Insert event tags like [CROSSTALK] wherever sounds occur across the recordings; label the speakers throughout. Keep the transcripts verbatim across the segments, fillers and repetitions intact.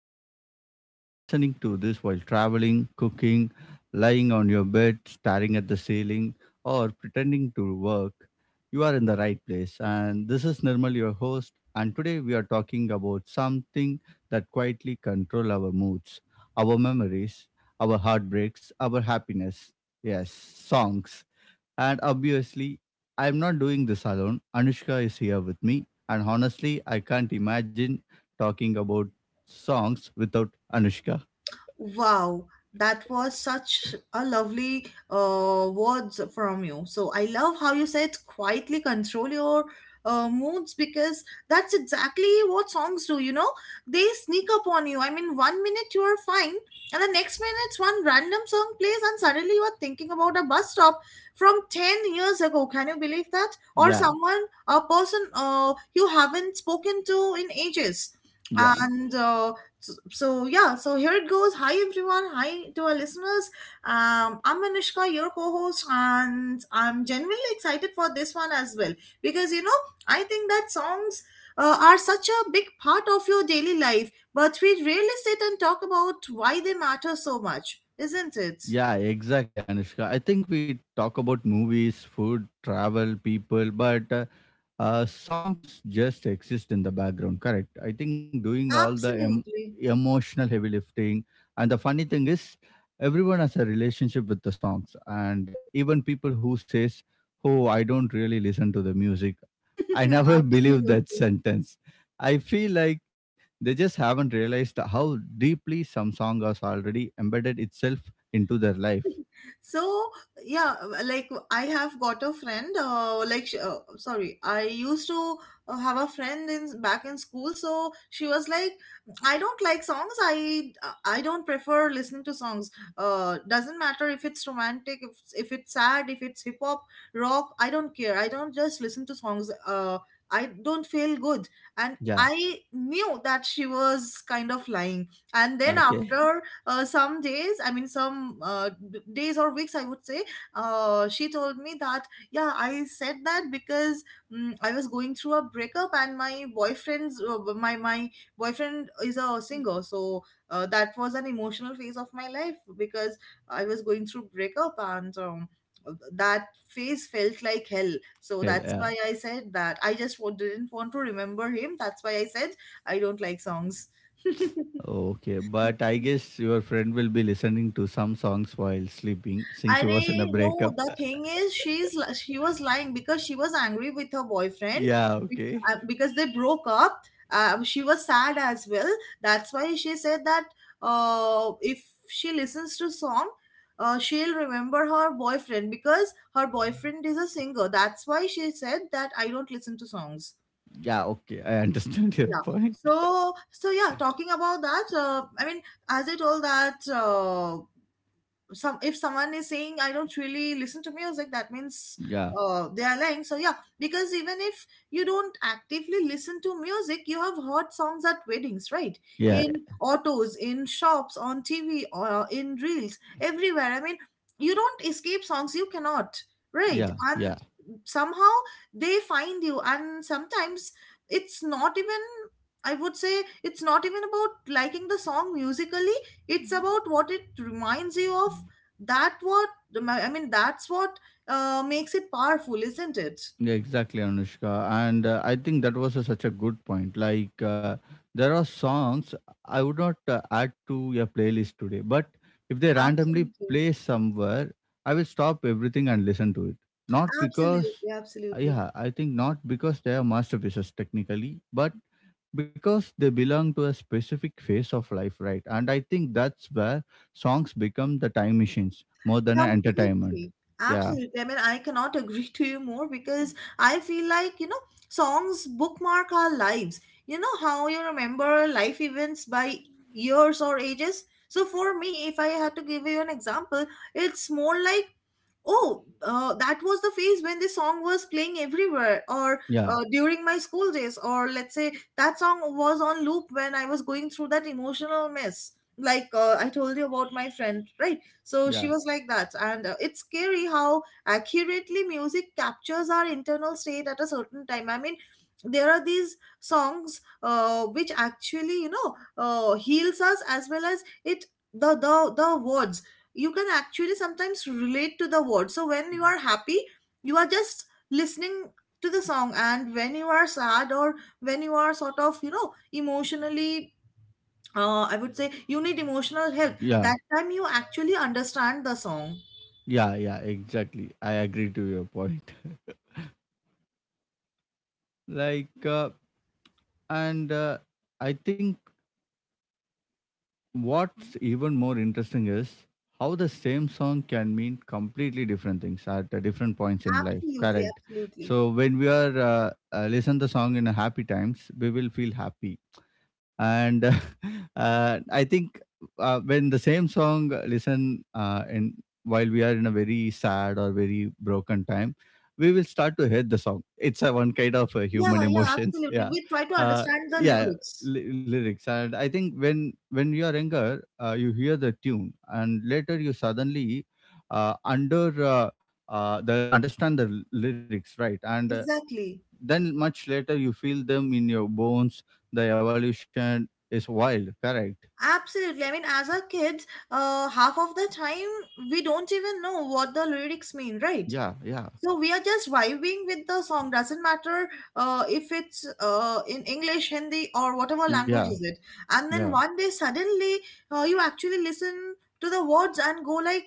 Speaker 1: back, everyone. If you are listening to this while traveling, cooking, lying on your bed, staring at the ceiling, or pretending to work, you are in the right place. And this is Nirmal, your host. And today we are talking about something that quietly control our moods, our memories, our heartbreaks, our happiness. Yes, songs. And obviously, I'm not doing this alone. Anushka is here with me. And honestly, I can't imagine talking about songs without Anushka.
Speaker 2: Wow, that was such a lovely uh, words from you. So I love how you said quietly control your uh, moods because that's exactly what songs do. You know, they sneak up on you. I mean, one minute you are fine, and the next minute one random song plays, and suddenly you are thinking about a bus stop from ten years ago. Can you believe that? Or
Speaker 1: Yeah,
Speaker 2: someone, a person uh, you haven't spoken to in ages,
Speaker 1: yeah,
Speaker 2: and. Uh, so, so yeah, so here it goes. Hi everyone, hi to our listeners. um I'm Anushka, your co-host, and I'm genuinely excited for this one as well because you know I think that songs uh, are such a big part of your daily life, but we rarely sit and talk about why they matter so much, isn't it?
Speaker 1: yeah, exactly, Anushka. I think we talk about movies, food, travel, people, but uh, uh, songs just exist in the background, correct? I think doing all the em-
Speaker 2: Absolutely.
Speaker 1: emotional heavy lifting. And the funny thing is everyone has a relationship with the songs, and even people who says, "Oh, I don't really listen to the music," I
Speaker 2: [LAUGHS]
Speaker 1: never [LAUGHS] believe that
Speaker 2: Absolutely.
Speaker 1: sentence. I feel like they just haven't realized how deeply some song has already embedded itself into their life.
Speaker 2: So yeah, like I have got a friend, uh, like sh- uh, sorry, I used to uh, have a friend in back in school. So she was like, I don't like songs. I i don't prefer listening to songs. Uh, doesn't matter if it's romantic, if, if it's sad, if it's hip hop, rock. I don't care, I don't just listen to songs. uh, I don't feel good. And
Speaker 1: Yeah,
Speaker 2: I knew that she was kind of lying. And then
Speaker 1: okay. [LAUGHS]
Speaker 2: after uh, some days, I mean some uh, d- days or weeks, I would say, uh, she told me that, yeah, I said that because mm I was going through a breakup, and my boyfriend's, uh, my my boyfriend is a singer. So uh, that was an emotional phase of my life because I was going through breakup, and um, that phase felt like hell. So that's
Speaker 1: Yeah.
Speaker 2: why I said that I just wa- didn't want to remember him. That's why I said I don't like songs. [LAUGHS]
Speaker 1: Okay, but I guess your friend will be listening to some songs while sleeping since
Speaker 2: I
Speaker 1: she was in a
Speaker 2: No,
Speaker 1: breakup.
Speaker 2: the
Speaker 1: [LAUGHS]
Speaker 2: thing is, she's li- she was lying because she was angry with her boyfriend
Speaker 1: Yeah,
Speaker 2: be-
Speaker 1: okay.
Speaker 2: uh, because they broke up. Um, she was sad as well. That's why she said that uh, if she listens to song, uh, she'll remember her boyfriend because her boyfriend is a singer. That's why she said that I don't listen to songs.
Speaker 1: Yeah, okay. I [LAUGHS] understand your
Speaker 2: Yeah.
Speaker 1: point.
Speaker 2: So so yeah, talking about that. Uh, I mean, as I told that. Uh, some, if someone is saying I don't really listen to music, that means
Speaker 1: Yeah,
Speaker 2: uh, they are lying. So yeah, because even if you don't actively listen to music, you have heard songs at weddings, right?
Speaker 1: yeah,
Speaker 2: In autos, in shops, on TV, or in reels everywhere. I mean, you don't escape songs, you cannot, right?
Speaker 1: yeah, yeah.
Speaker 2: And somehow they find you. And sometimes it's not even, I would say, it's not even about liking the song musically. It's about what it reminds you of. That what, I mean, that's what uh, makes it powerful, isn't it?
Speaker 1: Yeah, exactly, Anushka. And uh, I think that was a, such a good point. Like, uh, there are songs I would not uh, add to a playlist today, but if they randomly
Speaker 2: Absolutely,
Speaker 1: play somewhere, I will stop everything and listen to it. Not because,
Speaker 2: absolutely,
Speaker 1: uh,
Speaker 2: absolutely,
Speaker 1: yeah, I think not because they are masterpieces technically, but because they belong to a specific phase of life, right? And I think that's where songs become the time machines more than an entertainment.
Speaker 2: completely,
Speaker 1: Yeah,
Speaker 2: absolutely. I mean, I cannot [LAUGHS] agree to you more because I feel like, you know, songs bookmark our lives. You know how you remember life events by years or ages. So for me, if I had to give you an example, it's more like, oh, uh, that was the phase when the song was playing everywhere, or
Speaker 1: yeah,
Speaker 2: uh, during my school days, or let's say that song was on loop when I was going through that emotional mess. Like uh, I told you about my friend, right? So she
Speaker 1: yeah,
Speaker 2: was like that, and uh, it's scary how accurately music captures our internal state at a certain time. I mean, there are these songs uh, which actually, you know, uh, heals us as well as it the the the words. You can actually sometimes relate to the words. So when you are happy, you are just listening to the song, and when you are sad or when you are sort of, you know, emotionally, uh, I would say you need emotional help.
Speaker 1: yeah.
Speaker 2: That time you actually understand the song.
Speaker 1: Yeah, yeah, exactly. I agree to your point. [LAUGHS] like, uh, and uh, I think what's even more interesting is how the same song can mean completely different things at uh, different points in life.
Speaker 2: Absolutely,
Speaker 1: Correct.
Speaker 2: absolutely.
Speaker 1: So when we are uh, uh, listen the song in a happy times, we will feel happy. And [LAUGHS] uh, I think uh, when the same song uh, listen uh, in, while we are in a very sad or very broken time, we will start to hate the song. It's a one kind of uh, human
Speaker 2: Yeah, yeah,
Speaker 1: emotions. [LAUGHS]
Speaker 2: absolutely.
Speaker 1: Yeah.
Speaker 2: We try to
Speaker 1: uh,
Speaker 2: understand the
Speaker 1: yeah,
Speaker 2: lyrics.
Speaker 1: ly- lyrics. And I think when when you are younger, uh, you hear the tune, and later you suddenly uh, under uh, uh, the understand the l- lyrics, right? And uh,
Speaker 2: Exactly.
Speaker 1: then much later you feel them in your bones. The evolution is wild, correct?
Speaker 2: Absolutely. I mean, as a kids, uh, half of the time we don't even know what the lyrics mean, right?
Speaker 1: Yeah, yeah.
Speaker 2: So
Speaker 1: [LAUGHS]
Speaker 2: we are just vibing with the song, doesn't matter uh, if it's uh, in English, Hindi, or whatever
Speaker 1: Yeah,
Speaker 2: language is it. And
Speaker 1: yeah.
Speaker 2: then one day suddenly uh, you actually listen to the words and go like,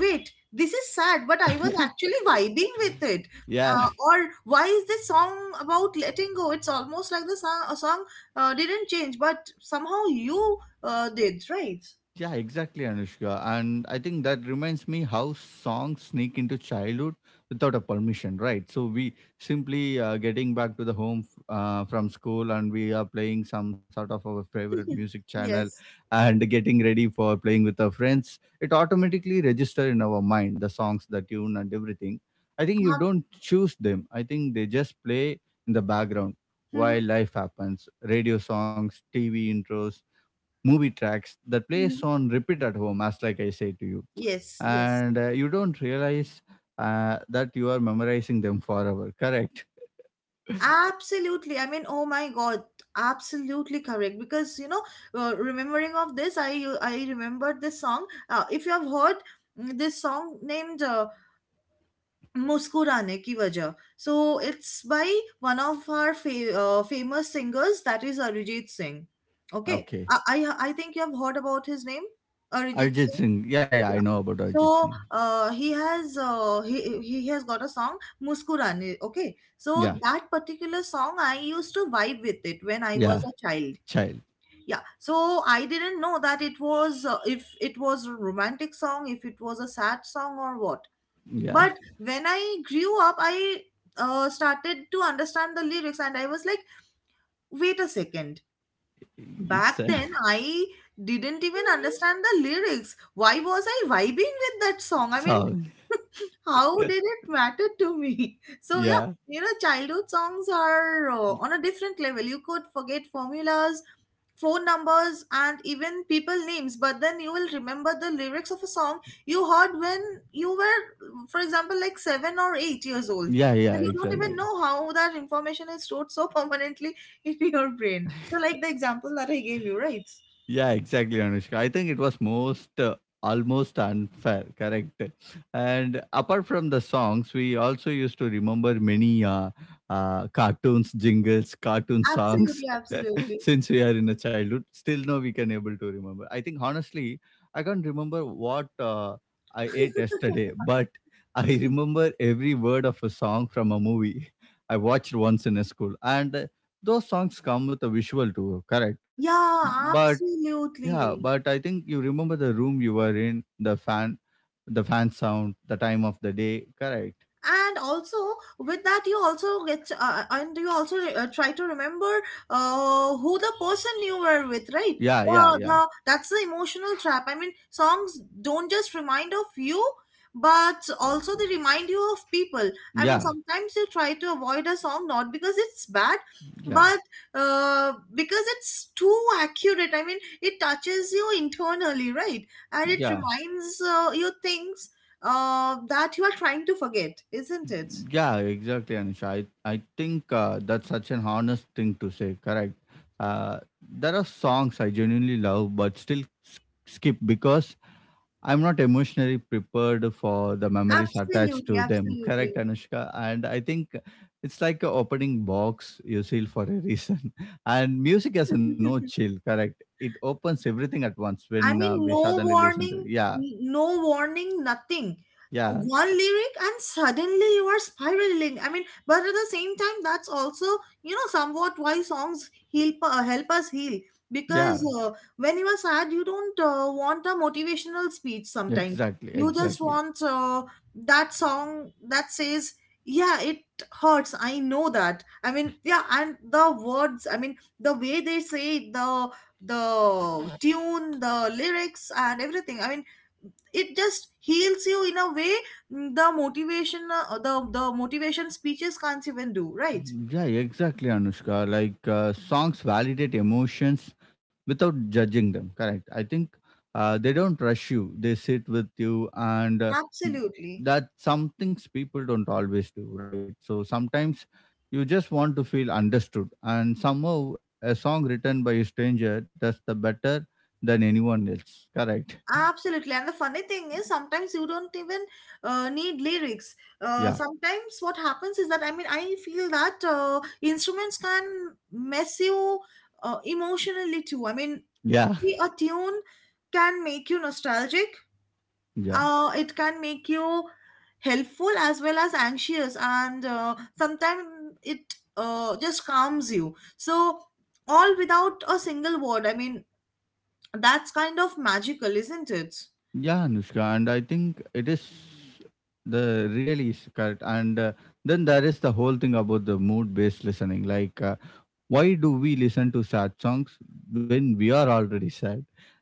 Speaker 2: wait, this is sad but I was
Speaker 1: [LAUGHS]
Speaker 2: actually [LAUGHS] vibing with it.
Speaker 1: Yeah.
Speaker 2: Uh, or why is this song about letting go. It's almost like the song, a song uh, didn't change but somehow you uh, did, right?
Speaker 1: Yeah, exactly, Anushka. And I think that reminds me how songs sneak into childhood without a permission, right? So we simply uh, getting back to the home f- uh, from school, and we are playing some sort of our favorite
Speaker 2: [LAUGHS]
Speaker 1: music channel
Speaker 2: Yes.
Speaker 1: and getting ready for playing with our friends. It automatically register in our mind the songs, the tune, and everything. I think you
Speaker 2: Ah,
Speaker 1: don't choose them. I think they just play in the background while
Speaker 2: mhm,
Speaker 1: life happens. Radio songs, T V intros, movie tracks that plays
Speaker 2: mhm.
Speaker 1: on repeat at home, as like I say to you.
Speaker 2: Yes, yes.
Speaker 1: And uh, you don't realize uh, that you are memorizing them forever, correct?
Speaker 2: Absolutely. I mean, oh my God, absolutely correct. Because you know, uh, remembering of this, I I remembered this song. Uh, if you have heard, mm, this song named uh, "Muskurane Ki Wajah," so it's by one of our fa- uh, famous singers, that is Arijit Singh. Okay,
Speaker 1: Okay,
Speaker 2: I, I I think you have heard about his name, Arijit
Speaker 1: Arjit
Speaker 2: Singh.
Speaker 1: Singh. Yeah, yeah, I
Speaker 2: Yeah.
Speaker 1: know about
Speaker 2: So
Speaker 1: Arjit Singh.
Speaker 2: uh, he has uh, he he has got a song Muskurane. Okay,
Speaker 1: Yeah,
Speaker 2: so that particular song I used to vibe with it when I was
Speaker 1: yeah,
Speaker 2: a child.
Speaker 1: child.
Speaker 2: Yeah, so I didn't know that it was uh, if it was a romantic song, if it was a sad song or what.
Speaker 1: Yeah.
Speaker 2: But when I grew up, I uh, started to understand the lyrics, and I was like, wait a second,
Speaker 1: [LAUGHS] It's
Speaker 2: back
Speaker 1: a
Speaker 2: then I didn't even understand
Speaker 1: [LAUGHS]
Speaker 2: the lyrics. Why was I vibing with that song? I mean,
Speaker 1: song.
Speaker 2: [LAUGHS] how did it matter to me? [LAUGHS] So yeah,
Speaker 1: Yeah,
Speaker 2: you know, childhood songs are uh, on a different level. You could forget formulas, phone numbers, and even people names, but then you will remember the lyrics of a song you heard when you were, for example, like seven or eight years old,
Speaker 1: yeah, yeah,
Speaker 2: and you don't even
Speaker 1: exactly.
Speaker 2: know how that information is stored so permanently [LAUGHS] in your brain, so like the example that I gave you, right?
Speaker 1: Yeah, exactly, Anushka. I think it was most uh, almost unfair, correct? And apart from the songs, we also used to remember many uh, uh, cartoons, jingles, cartoon songs.
Speaker 2: Absolutely,
Speaker 1: [LAUGHS]
Speaker 2: absolutely.
Speaker 1: Since we are in a childhood, still now we can able to remember. I think honestly, I can't remember what uh, I ate yesterday, but I remember every word of a song from a movie [LAUGHS] I watched once in a school. And uh, those songs come with a visual too, correct?
Speaker 2: Yeah,
Speaker 1: But yeah,
Speaker 2: absolutely.
Speaker 1: but I think you remember the room you were in, the fan, the fan sound, the time of the day. Correct.
Speaker 2: And also, with that you also get uh, and you also re- uh, try to remember uh, who the person you were with, right?
Speaker 1: Yeah, yeah,
Speaker 2: Uh,
Speaker 1: yeah,
Speaker 2: the, that's the emotional trap. I mean, songs don't just remind of you, but also they remind you of people. I mean,
Speaker 1: yeah,
Speaker 2: sometimes you try to avoid a song not because it's bad,
Speaker 1: yeah,
Speaker 2: but uh, because it's too accurate. I mean, it touches you internally, right? And it
Speaker 1: yeah,
Speaker 2: reminds uh, you things uh, that you are trying to forget, isn't it?
Speaker 1: yeah. Exactly, Anisha. I I think uh, that's such an honest thing to say. Correct. Uh, there are songs I genuinely love, but still s- skip because I'm not emotionally prepared for the memories attached
Speaker 2: Absolutely,
Speaker 1: to them. [LAUGHS]
Speaker 2: absolutely.
Speaker 1: Correct, Anushka. And I think it's like a opening box you seal for a reason. [LAUGHS] And music has a no
Speaker 2: [LAUGHS]
Speaker 1: chill. Correct. It opens everything at once
Speaker 2: I
Speaker 1: when uh,
Speaker 2: mean,
Speaker 1: we
Speaker 2: no
Speaker 1: suddenly listen to.
Speaker 2: warning,
Speaker 1: Yeah,
Speaker 2: n- no warning, nothing.
Speaker 1: yeah,
Speaker 2: One lyric and suddenly you are spiraling. I mean, but at the same time, that's also, you know, somewhat why songs help uh, help us heal
Speaker 1: yeah.
Speaker 2: because uh, when you are sad, you don't uh, want a motivational speech. Sometimes
Speaker 1: Exactly,
Speaker 2: you just
Speaker 1: exactly.
Speaker 2: want uh, that song that says, "Yeah, it hurts. I know that." I mean, yeah, and the words. I mean, the way they say it, the the tune, the lyrics, and everything. I mean, it just heals you in a way, mm, the motivation, uh, the the motivation speeches can't even do, right?
Speaker 1: Yeah, exactly, Anushka. Like uh, songs validate emotions without judging them. Correct. I think uh, they don't rush you. They sit with you, and uh,
Speaker 2: Absolutely,
Speaker 1: that some things people don't always do. Right. So sometimes you just want to feel understood, and somehow a song written by a stranger does the better than anyone else. Correct.
Speaker 2: absolutely. And the funny thing is sometimes you don't even uh, need lyrics. Uh,
Speaker 1: Yeah.
Speaker 2: sometimes what happens is that, I mean, I feel that uh, instruments can mess you uh, emotionally too. I mean,
Speaker 1: Yeah. [LAUGHS]
Speaker 2: maybe a tune can make you nostalgic.
Speaker 1: Yeah.
Speaker 2: Uh, it can make you helpful as well as anxious. And uh, sometimes it uh, just calms you, so all without a single word. I mean, that's kind of magical, isn't it?
Speaker 1: Yeah, Anushka, and I think it is the really is correct. And uh, then there is the whole thing about the mood-based listening. Like, uh, why do we listen to sad songs when we are already sad?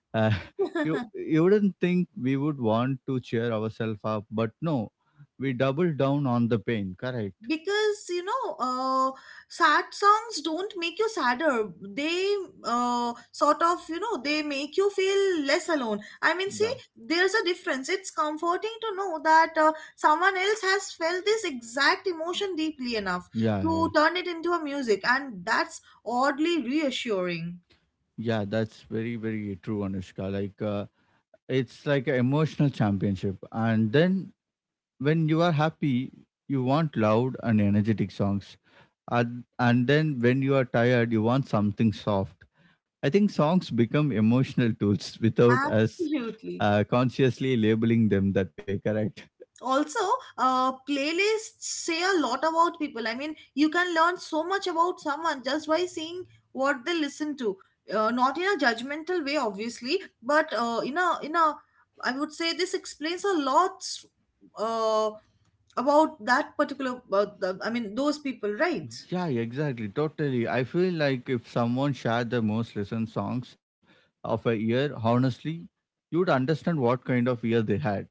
Speaker 1: Uh, [LAUGHS] you
Speaker 2: [LAUGHS]
Speaker 1: you wouldn't think we would want to cheer ourselves up, but no, we double down on the pain. Correct.
Speaker 2: Because you know, uh, sad songs don't make you sadder, they uh, sort of, you know, they make you feel less alone. I mean,
Speaker 1: Yeah.
Speaker 2: see, there's a difference. It's comforting to know that uh, someone else has felt this exact emotion deeply enough
Speaker 1: Yeah,
Speaker 2: to
Speaker 1: yeah,
Speaker 2: turn it into a music, and that's oddly reassuring.
Speaker 1: yeah. That's very, very true, Anushka. Like, uh, it's like an emotional championship, and then when you are happy you want loud and energetic songs, and, and then when you are tired you want something soft. I think songs become emotional tools [LAUGHS] without us
Speaker 2: Absolutely.
Speaker 1: uh, consciously labeling them that way, correct?
Speaker 2: Also, uh, playlists say a lot about people. I mean, you can learn so much about someone just by seeing what they listen to, uh, not in a judgmental way obviously, but uh, in a in a I would say this explains a lot uh, about that particular, uh, the, I mean, those people, right?
Speaker 1: Yeah, exactly, totally. I feel like if someone shared the most listened songs of a year, honestly, you would understand what kind of year they had: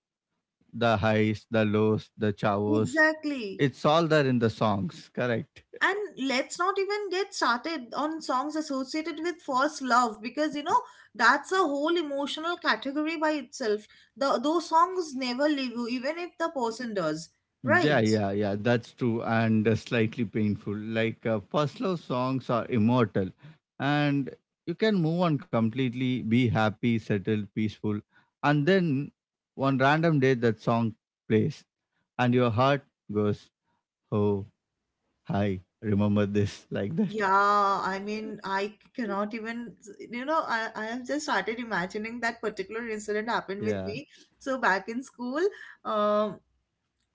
Speaker 1: the highs, the lows, the chavos.
Speaker 2: Exactly.
Speaker 1: It's all there in the songs, correct?
Speaker 2: And let's not even get started on songs associated with first love because you know that's a whole emotional category by itself. The those songs never leave you even if the person does,
Speaker 1: Yeah,
Speaker 2: right?
Speaker 1: yeah, yeah, that's true, and uh, slightly painful. Like uh, first love songs are immortal, and you can move on completely, be happy, settled, peaceful, and then one random day that song plays, and your heart goes, "Oh, hi, remember this?" [LAUGHS] Like that.
Speaker 2: Yeah, I mean, I cannot even, you know, i i have just started imagining that particular incident happened with
Speaker 1: Yeah,
Speaker 2: me. So back in school, um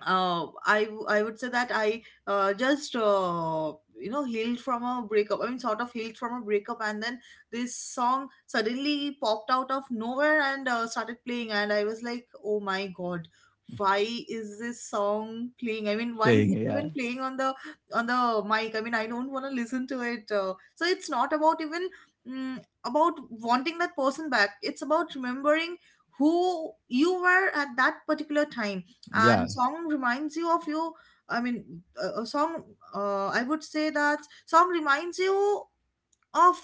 Speaker 2: uh, I w- I would say that I uh, just, uh, you know, healed from a breakup. I mean, sort of healed from a breakup, and then this song suddenly popped out of nowhere and uh, started playing, and I was like, oh my god. Why is this song playing? I mean, why is
Speaker 1: playing.
Speaker 2: it
Speaker 1: Yeah,
Speaker 2: even playing on the on the mic? I mean, I don't want to listen to it. Uh, so it's not about even mm, about wanting that person back. It's about remembering who you were at that particular time
Speaker 1: yeah.
Speaker 2: and song reminds you of you. I mean, a a song, uh, I would say that song reminds you of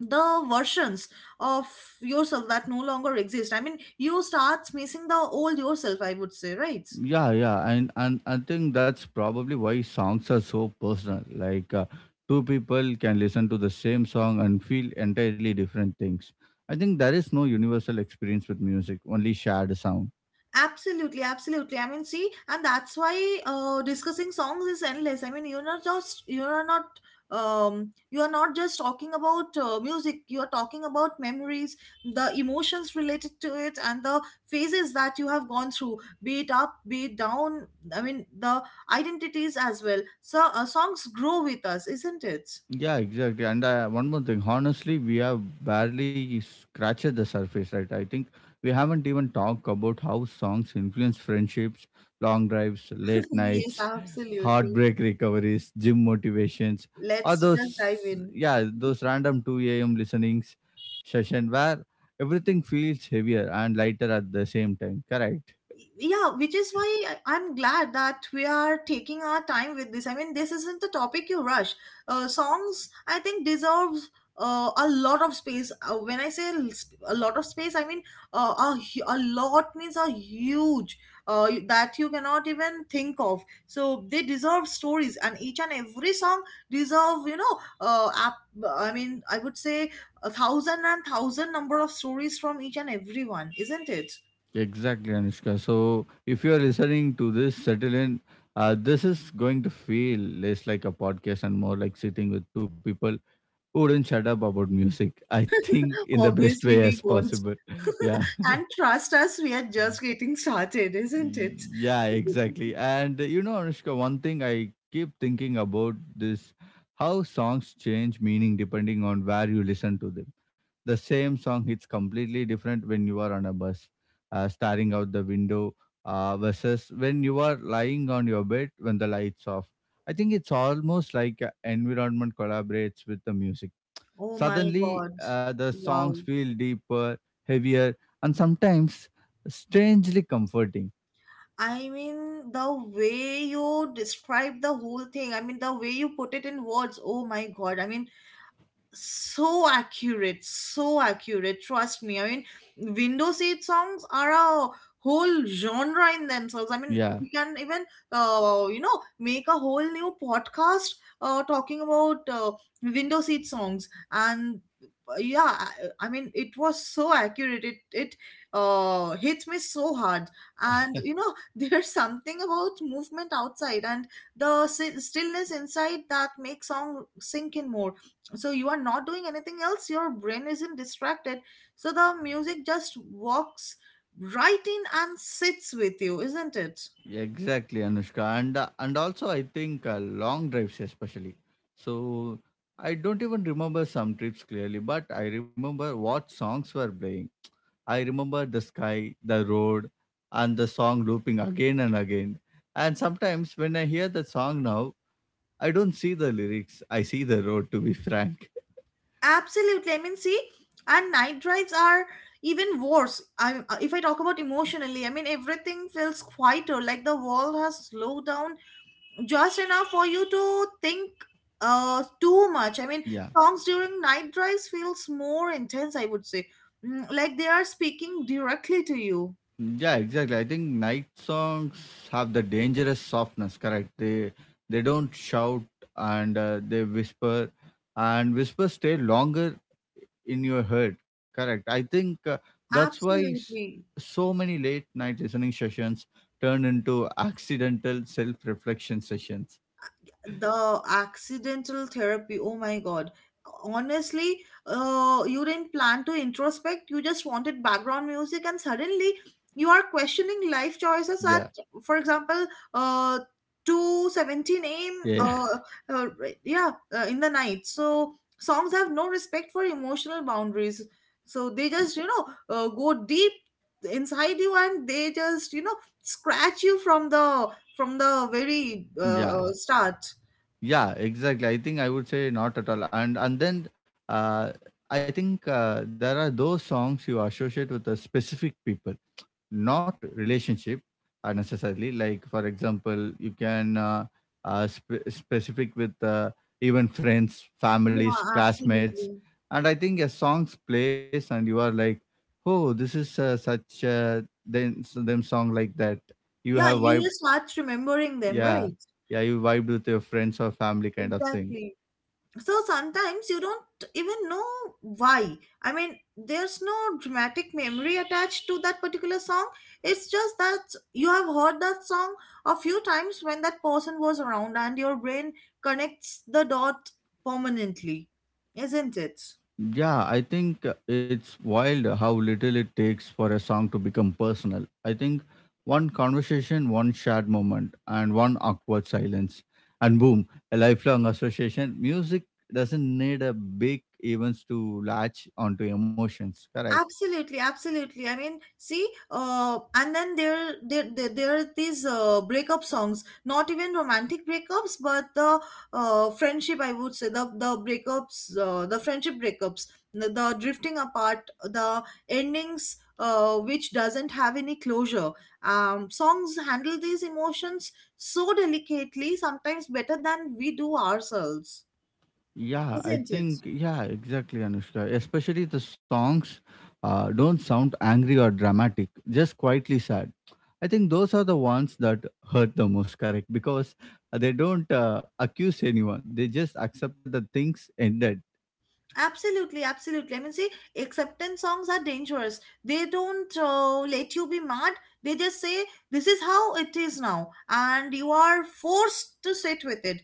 Speaker 2: the versions of yourself that no longer exist. I mean, you start missing the old yourself, I would say, right?
Speaker 1: Yeah, yeah, and and I think that's probably why songs are so personal. Like uh, two people can listen to the same song and feel entirely different things. I think there is no universal experience with music, only shared sound.
Speaker 2: Absolutely, absolutely. I mean, see, and that's why uh, discussing songs is endless. I mean, you're not just you're not um you are not just talking about uh, music. You are talking about memories, the emotions related to it, and the phases that you have gone through, be it up, be it down. I mean, the identities as well. So, uh, songs grow with us, isn't it?
Speaker 1: Yeah, exactly. And uh, one more thing, honestly, we have barely scratched the surface, right? I think we haven't even talked about how songs influence friendships, long drives, late
Speaker 2: [LAUGHS] Yes,
Speaker 1: nights,
Speaker 2: absolutely.
Speaker 1: heartbreak recoveries, gym motivations, or
Speaker 2: Let's just dive
Speaker 1: those,
Speaker 2: in.
Speaker 1: yeah, those random two a m listenings session where everything feels heavier and lighter at the same time, correct?
Speaker 2: Yeah, which is why I- I'm glad that we are taking our time with this. I mean, this isn't a topic you rush. Uh, songs, I think, deserves uh, a lot of space. Uh, when I say l- sp- a lot of space, I mean, uh, a, hu- a lot means a huge, uh, y- that you cannot even think of. So they deserve stories and each and every song deserve, you know uh, ap- I mean, I would say a thousand and thousand number of stories from each and everyone, isn't it?
Speaker 1: Exactly, Anushka. So, if you are listening to this, settle in. Uh, this is going to feel less like a podcast and more like sitting with two people who wouldn't shut up about music. I think
Speaker 2: [LAUGHS]
Speaker 1: in the best
Speaker 2: Obviously,
Speaker 1: way
Speaker 2: we
Speaker 1: as
Speaker 2: won't.
Speaker 1: possible. [LAUGHS] Yeah.
Speaker 2: And trust us, we are just getting started, isn't
Speaker 1: Y-
Speaker 2: it?
Speaker 1: Yeah,
Speaker 2: [LAUGHS]
Speaker 1: exactly. And uh, you know, Anushka, one thing I keep thinking about this: how songs change meaning depending on where you listen to them. The same song hits completely different when you are on a bus, uh, staring out the window, uh, versus when you are lying on your bed when the lights off. I think it's almost like a environment collaborates with the music.
Speaker 2: Oh my
Speaker 1: Suddenly,
Speaker 2: God.
Speaker 1: uh, the songs
Speaker 2: Wow.
Speaker 1: feel deeper, heavier, and sometimes strangely comforting.
Speaker 2: I mean, the way you describe the whole thing, I mean, the way you put it in words, oh my God. I mean, so accurate, so accurate, trust me. I mean, window seat songs are a whole genre in themselves. I mean,
Speaker 1: Yeah,
Speaker 2: we can even, uh, you know make a whole new podcast, uh, talking about uh, window seat songs. And uh, yeah i I mean, it was so accurate, it it uh hits me so hard. And you know [LAUGHS] there's something about movement outside and the si- stillness inside that makes song sink in more. So you are not doing anything else, your brain isn't distracted, so the music just walks right in and sits with you, isn't it?
Speaker 1: exactly, Anushka, and uh, and also I think uh, long drives especially. So I don't even remember some trips clearly, but I remember what songs were playing. I remember the sky, the road, and the song looping again and again. And sometimes when I hear the song now, I don't see the lyrics. I see the road. To be frank,
Speaker 2: Absolutely. I mean, see, and night drives are even worse. I if I talk about emotionally, I mean, everything feels quieter, like the world has slowed down just enough for you to think uh too much. I mean,
Speaker 1: [LAUGHS] yeah.
Speaker 2: songs during night drives feels more intense, I would say. Mm, like they are speaking directly to you.
Speaker 1: Yeah, exactly. I think night songs have the dangerous softness, correct? They they don't shout, and uh, they whisper, and whispers stay longer in your head, correct? I think uh, that's why s-
Speaker 2: Absolutely.
Speaker 1: so many late night listening sessions turn into accidental self-reflection sessions.
Speaker 2: The accidental therapy, oh my God, honestly, uh, you didn't plan to introspect, you just wanted background music, and suddenly you are questioning life choices at,
Speaker 1: Yeah.
Speaker 2: for example, uh two seventeen a m,
Speaker 1: Yeah. Yeah. [LAUGHS]
Speaker 2: uh, uh right- yeah, uh, in the night. So songs have no respect for emotional boundaries, so they just, you know uh, go deep inside you, and they just, you know scratch you from the from the very, uh,
Speaker 1: Yeah.
Speaker 2: uh, start.
Speaker 1: Yeah, exactly. I think I would say not at all. And and then uh I think uh, there are those songs you associate with a specific people, not relationship, uh, necessarily. Like, for example, you can uh, uh, sp- specific with uh, even friends,
Speaker 2: Yeah,
Speaker 1: families, classmates.
Speaker 2: absolutely.
Speaker 1: And I think a song's plays and you are like, "Oh, this is uh, such uh, then so them song like that you
Speaker 2: Yeah,
Speaker 1: have
Speaker 2: you
Speaker 1: vibe."
Speaker 2: just start remembering them,
Speaker 1: Yeah,
Speaker 2: right?
Speaker 1: yeah, you vibed with your friends or family kind of thing.
Speaker 2: Exactly. So sometimes you don't even know why. I mean, there's no dramatic memory attached to that particular song. It's just that you have heard that song a few times when that person was around, and your brain connects the dot permanently, isn't it?
Speaker 1: Yeah, I think uh, it's wild how little it takes for a song to become personal. I think one conversation, one shared moment, and one awkward silence, and boom, a lifelong association. Music doesn't need a big events to latch onto emotions, correct?
Speaker 2: Absolutely, absolutely. I mean, see, uh, and then there, there, there, there are these uh, breakup songs. Not even romantic breakups, but the uh, friendship. I would say the the breakups, uh, the friendship breakups, the, the drifting apart, the endings, uh, which doesn't have any closure. Um, songs handle these emotions so delicately, sometimes better than we do ourselves,
Speaker 1: Yeah, I
Speaker 2: isn't
Speaker 1: think,
Speaker 2: it?
Speaker 1: yeah, exactly, Anushka. Especially the songs uh, don't sound angry or dramatic, just quietly sad. I think those are the ones that hurt the most, correct? Because they don't uh, accuse anyone. They just accepted that things ended.
Speaker 2: Absolutely, absolutely. I mean, see, acceptance songs are dangerous. They don't, uh, let you be mad. They just say, this is how it is now. And you are forced to sit with it.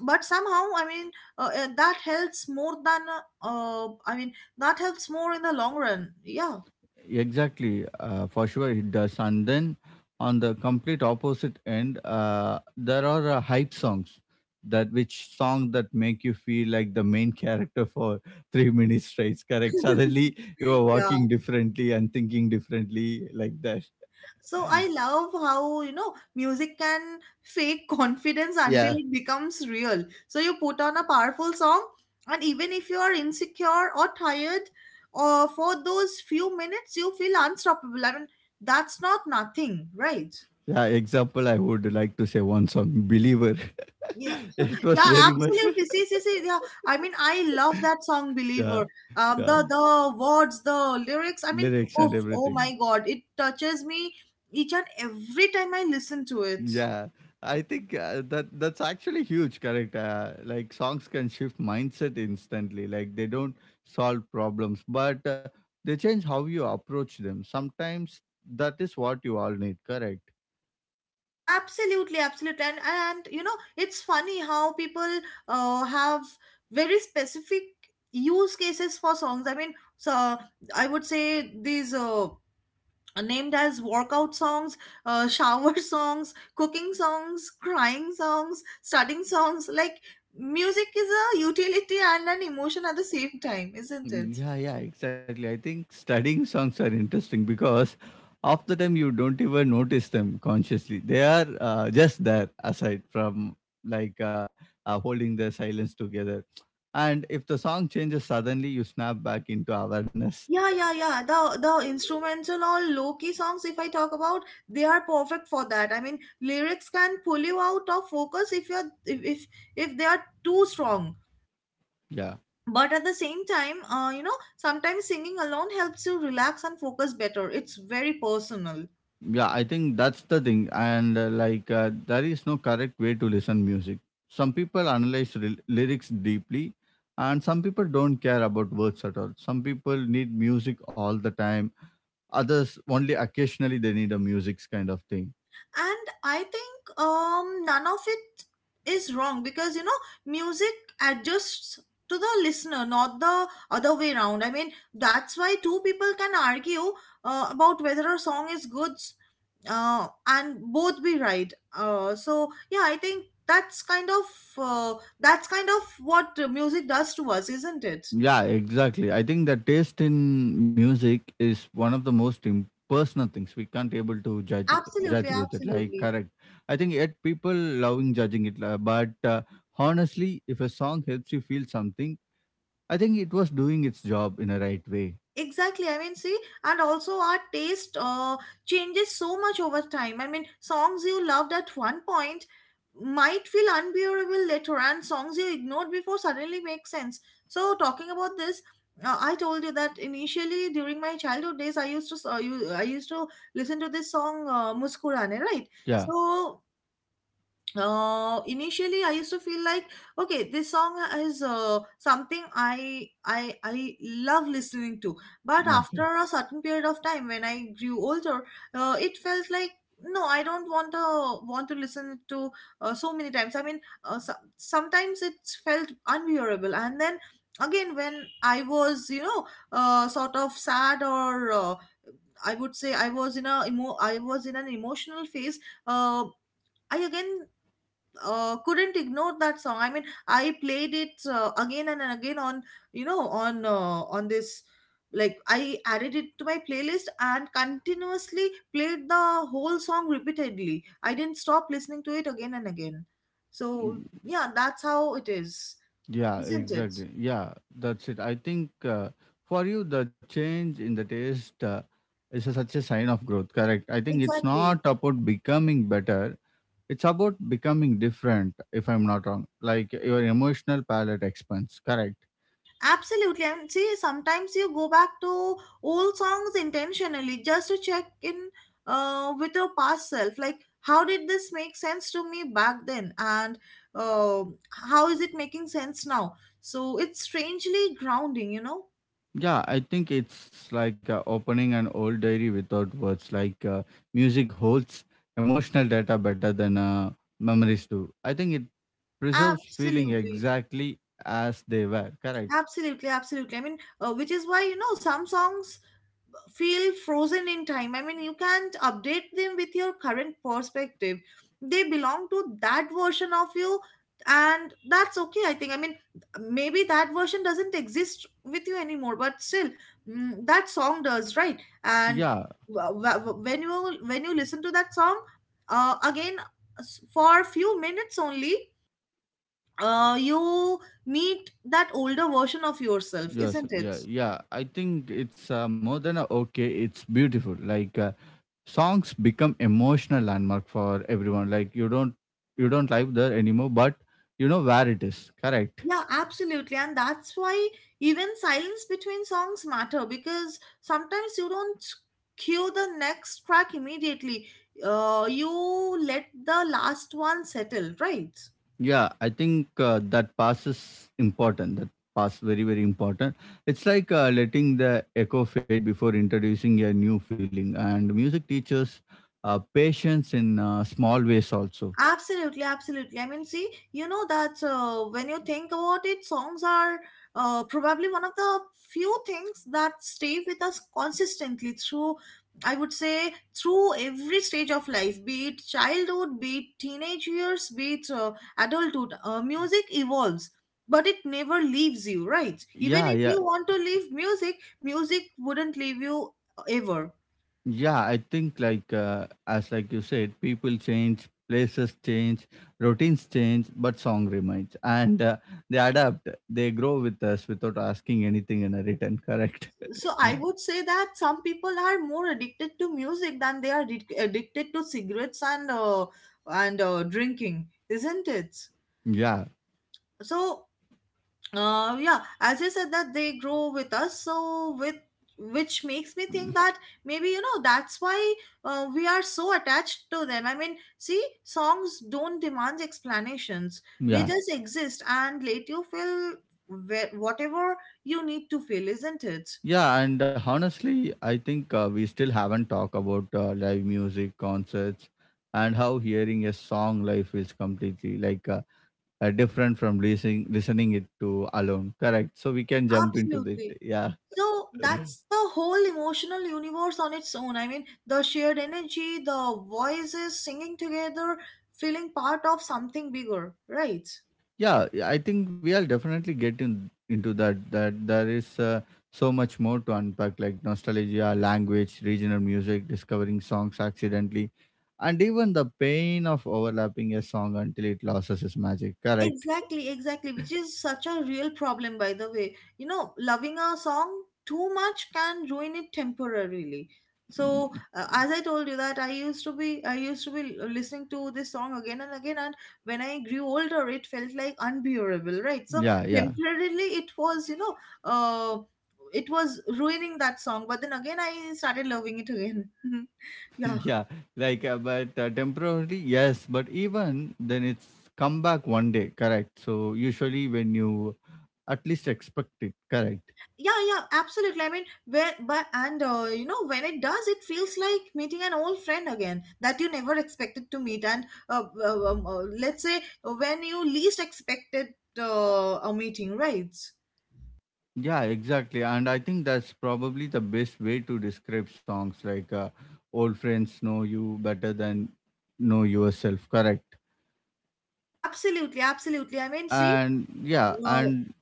Speaker 2: But somehow, I mean, uh, uh, that helps more than, uh, uh, I mean, that helps more in the long run. Yeah.
Speaker 1: Exactly, uh, for sure it does. And then on the complete opposite end, uh, there are uh, hype songs that which song that make you feel like the main character for [LAUGHS] three minutes straight. Correct. Suddenly you are
Speaker 2: Yeah,
Speaker 1: walking differently and thinking differently like that.
Speaker 2: so I love how, you know, music can fake [LAUGHS] confidence until
Speaker 1: Yeah.
Speaker 2: it becomes real. So you put on a powerful song, and even if you are insecure or tired, uh, for those few minutes, you feel unstoppable. I mean, that's not nothing, right?
Speaker 1: Yeah, example I would like to say one song, Believer.
Speaker 2: Yeah,
Speaker 1: [LAUGHS] It was
Speaker 2: yeah,
Speaker 1: very much.
Speaker 2: absolutely. See, see, see, yeah. I mean, I love
Speaker 1: [LAUGHS]
Speaker 2: that song,
Speaker 1: Yeah,
Speaker 2: Believer. Um,
Speaker 1: yeah.
Speaker 2: the the words, the lyrics. I mean,
Speaker 1: Lyrics and
Speaker 2: oh, oh
Speaker 1: everything.
Speaker 2: my God, it touches me each and every time I listen to it.
Speaker 1: Yeah, I think uh, that that's actually huge. Correct. Uh, like songs can shift mindset instantly. Like they don't solve problems, but uh, they change how you approach them. Sometimes that is what you all need. Correct.
Speaker 2: Absolutely, absolutely. And, and you know, it's funny how people uh, have very specific use cases for songs. I mean, so I would say these uh, are named as workout songs, uh, shower [LAUGHS] songs, cooking songs, crying songs, studying songs. Like, music is a utility and an emotion at the same time, isn't it?
Speaker 1: Mm, yeah, yeah, exactly. I think studying songs are interesting because half the time you don't even notice them consciously. They are uh, just there aside from like uh, uh, holding the silence together. And if the song changes suddenly, you snap back into awareness.
Speaker 2: Yeah, yeah, yeah. The the instrumental or low key songs, if I talk about, they are perfect for that. I mean, lyrics can pull you out of focus if you're if if, if they are too strong.
Speaker 1: Yeah,
Speaker 2: But at the same time, uh, you know, sometimes singing alone helps you relax and focus better. It's very personal.
Speaker 1: yeah, I think that's the thing. And uh, like uh, there is no correct way to listen music. Some people analyze rel- lyrics deeply, and some people don't care about words at all. Some people need music all the time. Others only occasionally they need a music's kind of thing.
Speaker 2: And I think, um none of it is wrong, because you know music adjusts to the listener, not the other way around. I mean, that's why two people can argue uh, about whether a song is good, uh, and both be right. Uh, so yeah, I think that's kind of, uh, that's kind of what, uh, music does to us, isn't it?
Speaker 1: Yeah, exactly. I think that taste in music is one of the most im- personal things we can't able to judge
Speaker 2: Absolutely,
Speaker 1: judge with it. Like,
Speaker 2: absolutely.
Speaker 1: correct. I think yet people loving judging it, la- but uh, honestly, if a song helps you feel something, I think it was doing its job in a right way.
Speaker 2: Exactly. I mean, see, and also our taste uh, changes so much over time. I mean, songs you loved at one point might feel unbearable later, and songs you ignored before suddenly make sense. So, talking about this, uh, I told you that initially during my childhood days, I used to s- uh, you, I used to listen to this song, uh, "Muskurane," right?
Speaker 1: Yeah.
Speaker 2: So uh initially I used to feel like, okay, this song, uh, is, uh, something i i i love listening to. But
Speaker 1: Okay.
Speaker 2: after a certain period of time, when I grew older, uh, it felt like no, I don't want to want to listen to uh, so many times. I mean, uh, so, sometimes it's felt unbearable. And then again, when I was, you know, uh, sort of sad, or uh, I would say i was in a emo- I was in an emotional phase, uh, I again, uh, couldn't ignore that song. I mean, I played it, uh, again and again, on you know on uh, on this, like I added it to my playlist, and continuously played the whole song repeatedly. I didn't stop listening to it again and again. So yeah, that's how it is,
Speaker 1: Yeah,
Speaker 2: isn't it?
Speaker 1: exactly. Yeah, that's it. I think uh, for you, the change in the taste uh, is a, such a sign of growth. Correct. I think it's
Speaker 2: Exactly.
Speaker 1: not about becoming better, it's about becoming different, if I'm not wrong. Like your emotional palate expands. Correct.
Speaker 2: Absolutely. And see, sometimes you go back to old songs intentionally just to check in, uh, with your past self. Like, how did this make sense to me back then? And, uh, how is it making sense now? So it's strangely grounding, you know?
Speaker 1: Yeah, I think it's like uh, opening an old diary without words. Like uh, music holds emotional data better than uh, memories do. I think it preserves feeling
Speaker 2: Absolutely.
Speaker 1: exactly as they were. Correct.
Speaker 2: Absolutely, absolutely. I mean, uh, which is why, you know, some songs feel frozen in time. I mean, you can't update them with your current perspective. They belong to that version of you, and that's okay, I think. I mean, maybe that version doesn't exist with you anymore, but still, mm, that song does, right? And
Speaker 1: Yeah,
Speaker 2: w- w- when you when you listen to that song, uh, again, s- for a few minutes only, uh, you meet that older version of yourself,
Speaker 1: yes,
Speaker 2: isn't it?
Speaker 1: yeah, yeah. I think it's uh, more than a okay. It's beautiful. Like uh, songs become emotional landmark for everyone. Like you don't you don't live there anymore, but you know where it is. Correct.
Speaker 2: Yeah, absolutely. And that's why even silence between songs matter, because sometimes you don't cue the next track immediately. Uh, you let the last one settle, right?
Speaker 1: Yeah, I think uh, that pass is important. That pass very very important. It's like uh, letting the echo fade before introducing a new feeling. And music teaches uh, patience in uh, small ways also.
Speaker 2: Absolutely, absolutely. I mean, see, you know that, uh, when you think about it, songs are, uh, probably one of the few things that stay with us consistently through, I would say, through every stage of life, be it childhood, be it teenage years, be it, uh, adulthood. Uh, music evolves, but it never leaves you, right? Even
Speaker 1: Yeah,
Speaker 2: if
Speaker 1: yeah.
Speaker 2: you want to leave music, music wouldn't leave you, uh, ever.
Speaker 1: Yeah, I think like uh, as like you said, people change, places change, routines change, but song remains, and uh, they adapt. They grow with us without asking anything in a return. Correct? [LAUGHS]
Speaker 2: So I would say that some people are more addicted to music than they are addic- addicted to cigarettes, and uh, and uh, drinking, isn't it?
Speaker 1: Yeah,
Speaker 2: So, uh, yeah, as I said, that they grow with us, so, with which makes me think that maybe, you know, that's why, uh, we are so attached to them. I mean, see, songs don't demand explanations, they
Speaker 1: yeah,
Speaker 2: just exist and let you feel wh- whatever you need to feel, isn't it?
Speaker 1: yeah. And honestly, I think uh, we still haven't talked about uh, live music concerts, and how hearing a song live is completely like uh, uh, different from listening listening it to alone. Correct? So we can jump into that.
Speaker 2: Absolutely.
Speaker 1: Yeah.
Speaker 2: So that's the whole emotional universe on its own. I mean, the shared energy, the voices singing together, feeling part of something bigger, right?
Speaker 1: Yeah, yeah, I think we are definitely getting into that. That there is uh, so much more to unpack, like nostalgia, language, regional music, discovering songs accidentally, and even the pain of overlapping a song until it loses its magic. Correct.
Speaker 2: Exactly, exactly, which is such a real problem, by the way. You know, loving a song too much can ruin it temporarily. So, uh, as I told you that I used to be, I used to be l- listening to this song again and again, and when I grew older, it felt like unbearable, right? So
Speaker 1: Yeah, yeah,
Speaker 2: temporarily, it was, you know, uh, it was ruining that song, but then again, I started loving it again. [LAUGHS]
Speaker 1: [LAUGHS]
Speaker 2: Yeah.
Speaker 1: yeah. Like, uh, but uh, temporarily, yes. But even then, it's come back one day. Correct. So usually when you at least expect it. Correct.
Speaker 2: Yeah, yeah, absolutely. I mean where but and uh, you know, when it does, it feels like meeting an old friend again that you never expected to meet, and uh, uh, um, uh, let's say uh, when you least expected uh, a meeting, right?
Speaker 1: Yeah, exactly. And I think that's probably the best way to describe songs like uh, Old Friends Know You Better Than Know Yourself, correct?
Speaker 2: Absolutely, absolutely. I mean, see,
Speaker 1: And yeah,
Speaker 2: uh,
Speaker 1: and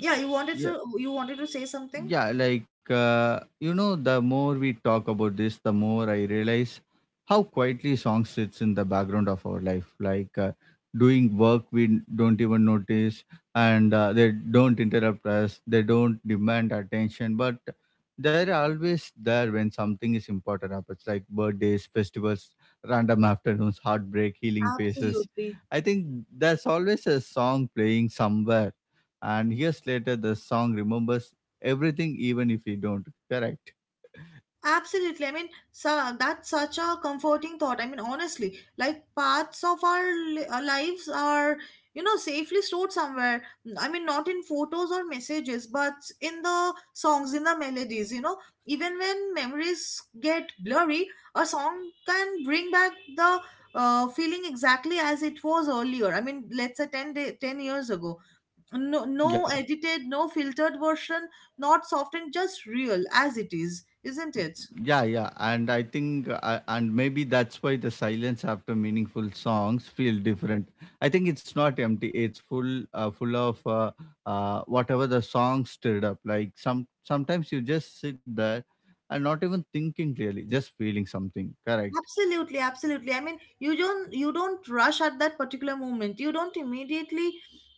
Speaker 2: yeah, you wanted to
Speaker 1: yeah.
Speaker 2: you wanted to say something.
Speaker 1: Yeah, like uh, you know, the more we talk about this, the more I realize how quietly song sits in the background of our life. Like uh, doing work we don't even notice, and uh, they don't interrupt us. They don't demand attention, but they're always there when something is important happens, like birthdays, festivals, random [LAUGHS] afternoons, heartbreak, healing phases.
Speaker 2: Absolutely.
Speaker 1: I think there's always a song playing somewhere, and years later the song remembers everything, even if we don't. Correct.
Speaker 2: Absolutely. I mean, so that's such a comforting thought. I mean, honestly, like parts of our li- uh, lives are, you know, safely stored somewhere. I mean, not in photos or messages, but in the songs, in the melodies, you know. Even when memories get blurry, a song can bring back the uh, feeling exactly as it was earlier. I mean, let's say ten, day, ten years ago. No, no
Speaker 1: Yeah,
Speaker 2: edited, no filtered version, not softened, just real as it is, isn't it?
Speaker 1: yeah, yeah, and I think uh, and maybe that's why the silence after meaningful songs feel different. I think it's not empty, it's full, uh, full of uh, uh, whatever the song stirred up. Like some sometimes you just sit there and not even thinking really, just feeling something. Correct.
Speaker 2: Absolutely, absolutely. I mean, you don't you don't rush at that particular moment. You don't immediately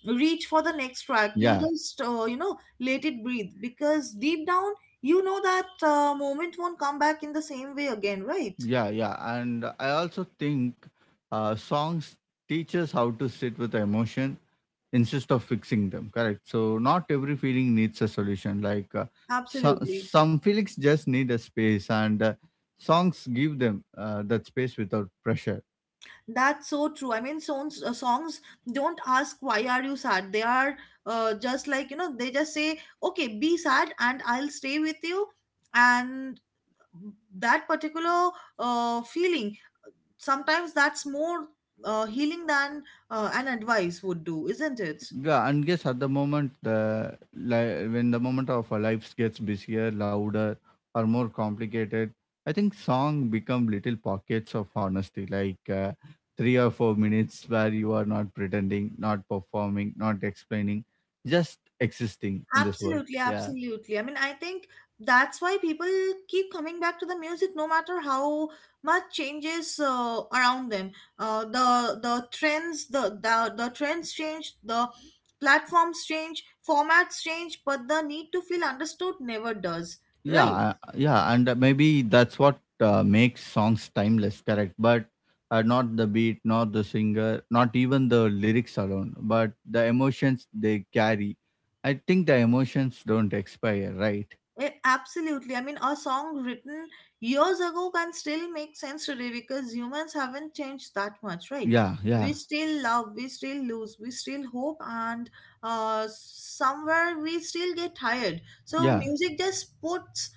Speaker 2: reach for the next track. You
Speaker 1: Yeah,
Speaker 2: just, uh, you know, let it breathe, because deep down you know that uh, moment won't come back in the same way again, right?
Speaker 1: yeah, yeah. And I also think uh, songs teach us how to sit with emotion instead of fixing them. Correct. So not every feeling needs a solution. Like, uh, so,
Speaker 2: Absolutely.
Speaker 1: some feelings just need a space, and uh, songs give them uh, that space without pressure.
Speaker 2: That's so true. I mean, songs uh, songs don't ask why are you sad. They are uh, just like, you know, they just say okay, be sad and I'll stay with you, and that particular uh, feeling, sometimes that's more uh, healing than uh, an advice would do, isn't it?
Speaker 1: Yeah, and guess at the moment the li- when the moment of our lives gets busier, louder, or more complicated, I think song become little pockets of honesty, like uh, three or four minutes where you are not pretending, not performing, not explaining, just existing in this world.
Speaker 2: Absolutely,
Speaker 1: Yeah.
Speaker 2: absolutely. I mean, I think that's why people keep coming back to the music no matter how much changes uh, around them. Uh, the the trends the, the the trends change, the platforms change, formats change, but the need to feel understood never does,
Speaker 1: Yeah,
Speaker 2: right?
Speaker 1: uh, yeah, and uh, maybe that's what uh, makes songs timeless. Correct. But uh, not the beat, not the singer, not even the lyrics alone, but the emotions they carry. I think the emotions don't expire, right?
Speaker 2: It, absolutely. I mean, a song written years ago can still make sense today because humans haven't changed that much, right?
Speaker 1: Yeah, yeah,
Speaker 2: We still love, we still lose, we still hope, and uh, somewhere we still get tired. So,
Speaker 1: yeah,
Speaker 2: music just puts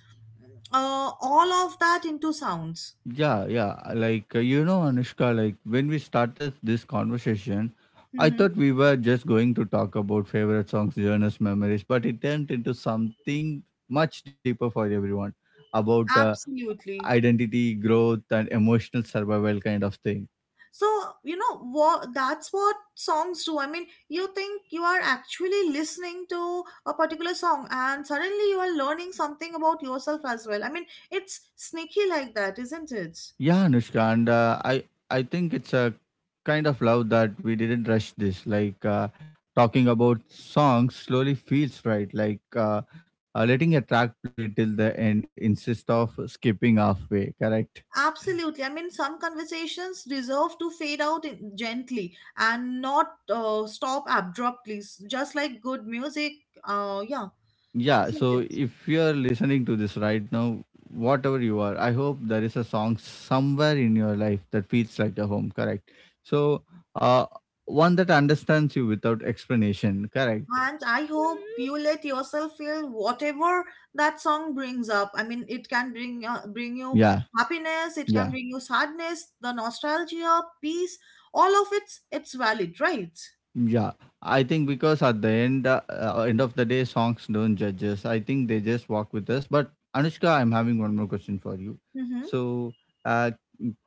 Speaker 2: uh, all of that into sounds.
Speaker 1: yeah, yeah. Uh, like uh, you know, Anushka, like when we started this conversation, I
Speaker 2: Hmm.
Speaker 1: thought we were just going to talk about favorite songs, journeys, memories, but it turned into something much deeper for everyone, about uh,
Speaker 2: Absolutely.
Speaker 1: identity, growth, and emotional survival kind of thing.
Speaker 2: So you know what, that's what songs do. I mean, you think you are actually listening to a particular song and suddenly you are learning something about yourself as well. I mean, it's sneaky like that, isn't it?
Speaker 1: Yeah, Anushka, and uh, I I think it's a kind of love that we didn't rush this. Like uh, talking about songs slowly feels right. Like uh, uh, letting a track play till the end instead of skipping halfway. Correct.
Speaker 2: Absolutely. I mean, some conversations deserve to fade out in, gently, and not uh, stop abruptly, s- just like good music. Uh yeah,
Speaker 1: Yeah,
Speaker 2: isn't it?
Speaker 1: so if you are listening to this right now, whatever you are, I hope there is a song somewhere in your life that feels like your home, correct? So, uh, one that understands you without explanation, correct?
Speaker 2: And I hope you let yourself feel whatever that song brings up. I mean, it can bring uh, bring you
Speaker 1: Yeah,
Speaker 2: happiness, it can
Speaker 1: yeah.
Speaker 2: bring you sadness, the nostalgia, peace. All of it's it's valid, right?
Speaker 1: Yeah, I think because at the end uh, uh, end of the day, songs don't judge us. I think they just walk with us. But Anushka, I'm having one more question for you.
Speaker 2: Mm-hmm.
Speaker 1: So, uh,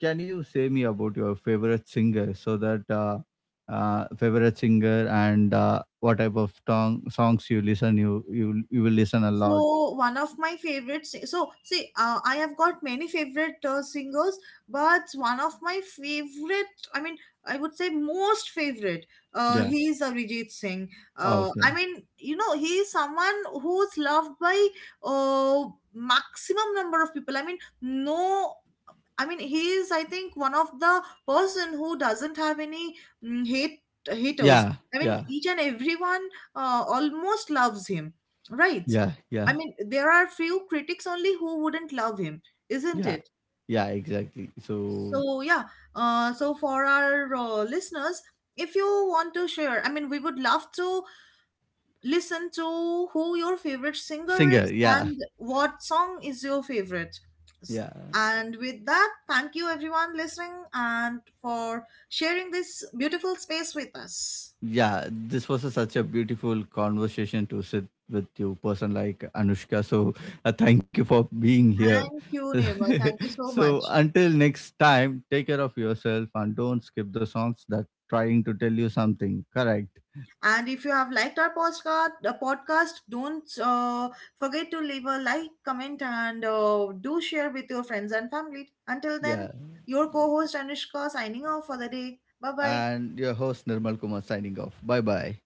Speaker 1: can you say me about your favorite singer, so that uh, uh, favorite singer, and uh, what type of song songs you listen, you you you will listen a lot.
Speaker 2: So one of my favorite si- so see, uh, I have got many favorite uh, singers, but one of my favorite, I mean, I would say most favorite, uh,
Speaker 1: Yeah.
Speaker 2: he is Arijit Singh. uh,
Speaker 1: Okay.
Speaker 2: I mean, you know, he is someone who's loved by uh, maximum number of people. I mean, no, I mean, he is, I think, one of the person who doesn't have any mm, hate haters.
Speaker 1: Yeah,
Speaker 2: I mean,
Speaker 1: yeah,
Speaker 2: each and everyone uh, almost loves him, right?
Speaker 1: yeah, yeah,
Speaker 2: I mean, there are few critics only who wouldn't love him,
Speaker 1: yeah,
Speaker 2: isn't it?
Speaker 1: yeah. Exactly. So,
Speaker 2: So yeah. Uh, so for our uh, listeners, if you want to share, I mean, we would love to listen to who your favorite singer
Speaker 1: singer.
Speaker 2: is
Speaker 1: Yeah,
Speaker 2: and what song is your favorite. S-
Speaker 1: yeah.
Speaker 2: And with that, thank you everyone listening and for sharing this beautiful space with us.
Speaker 1: Yeah, this was a, such a beautiful conversation to sit with you, person like Anushka. So, uh, thank you for being here.
Speaker 2: Thank you, Nirmal. Thank you
Speaker 1: [LAUGHS]
Speaker 2: so
Speaker 1: So,
Speaker 2: much.
Speaker 1: until next time, take care of yourself and don't skip the songs that trying to tell you something. Correct.
Speaker 2: And if you have liked our podcast, the podcast, don't uh, forget to leave a like, comment, and uh, do share with your friends and family. Until then,
Speaker 1: Yeah.
Speaker 2: your co-host Anushka signing off for the day. Bye bye.
Speaker 1: And your host Nirmal Kumar signing off. Bye bye.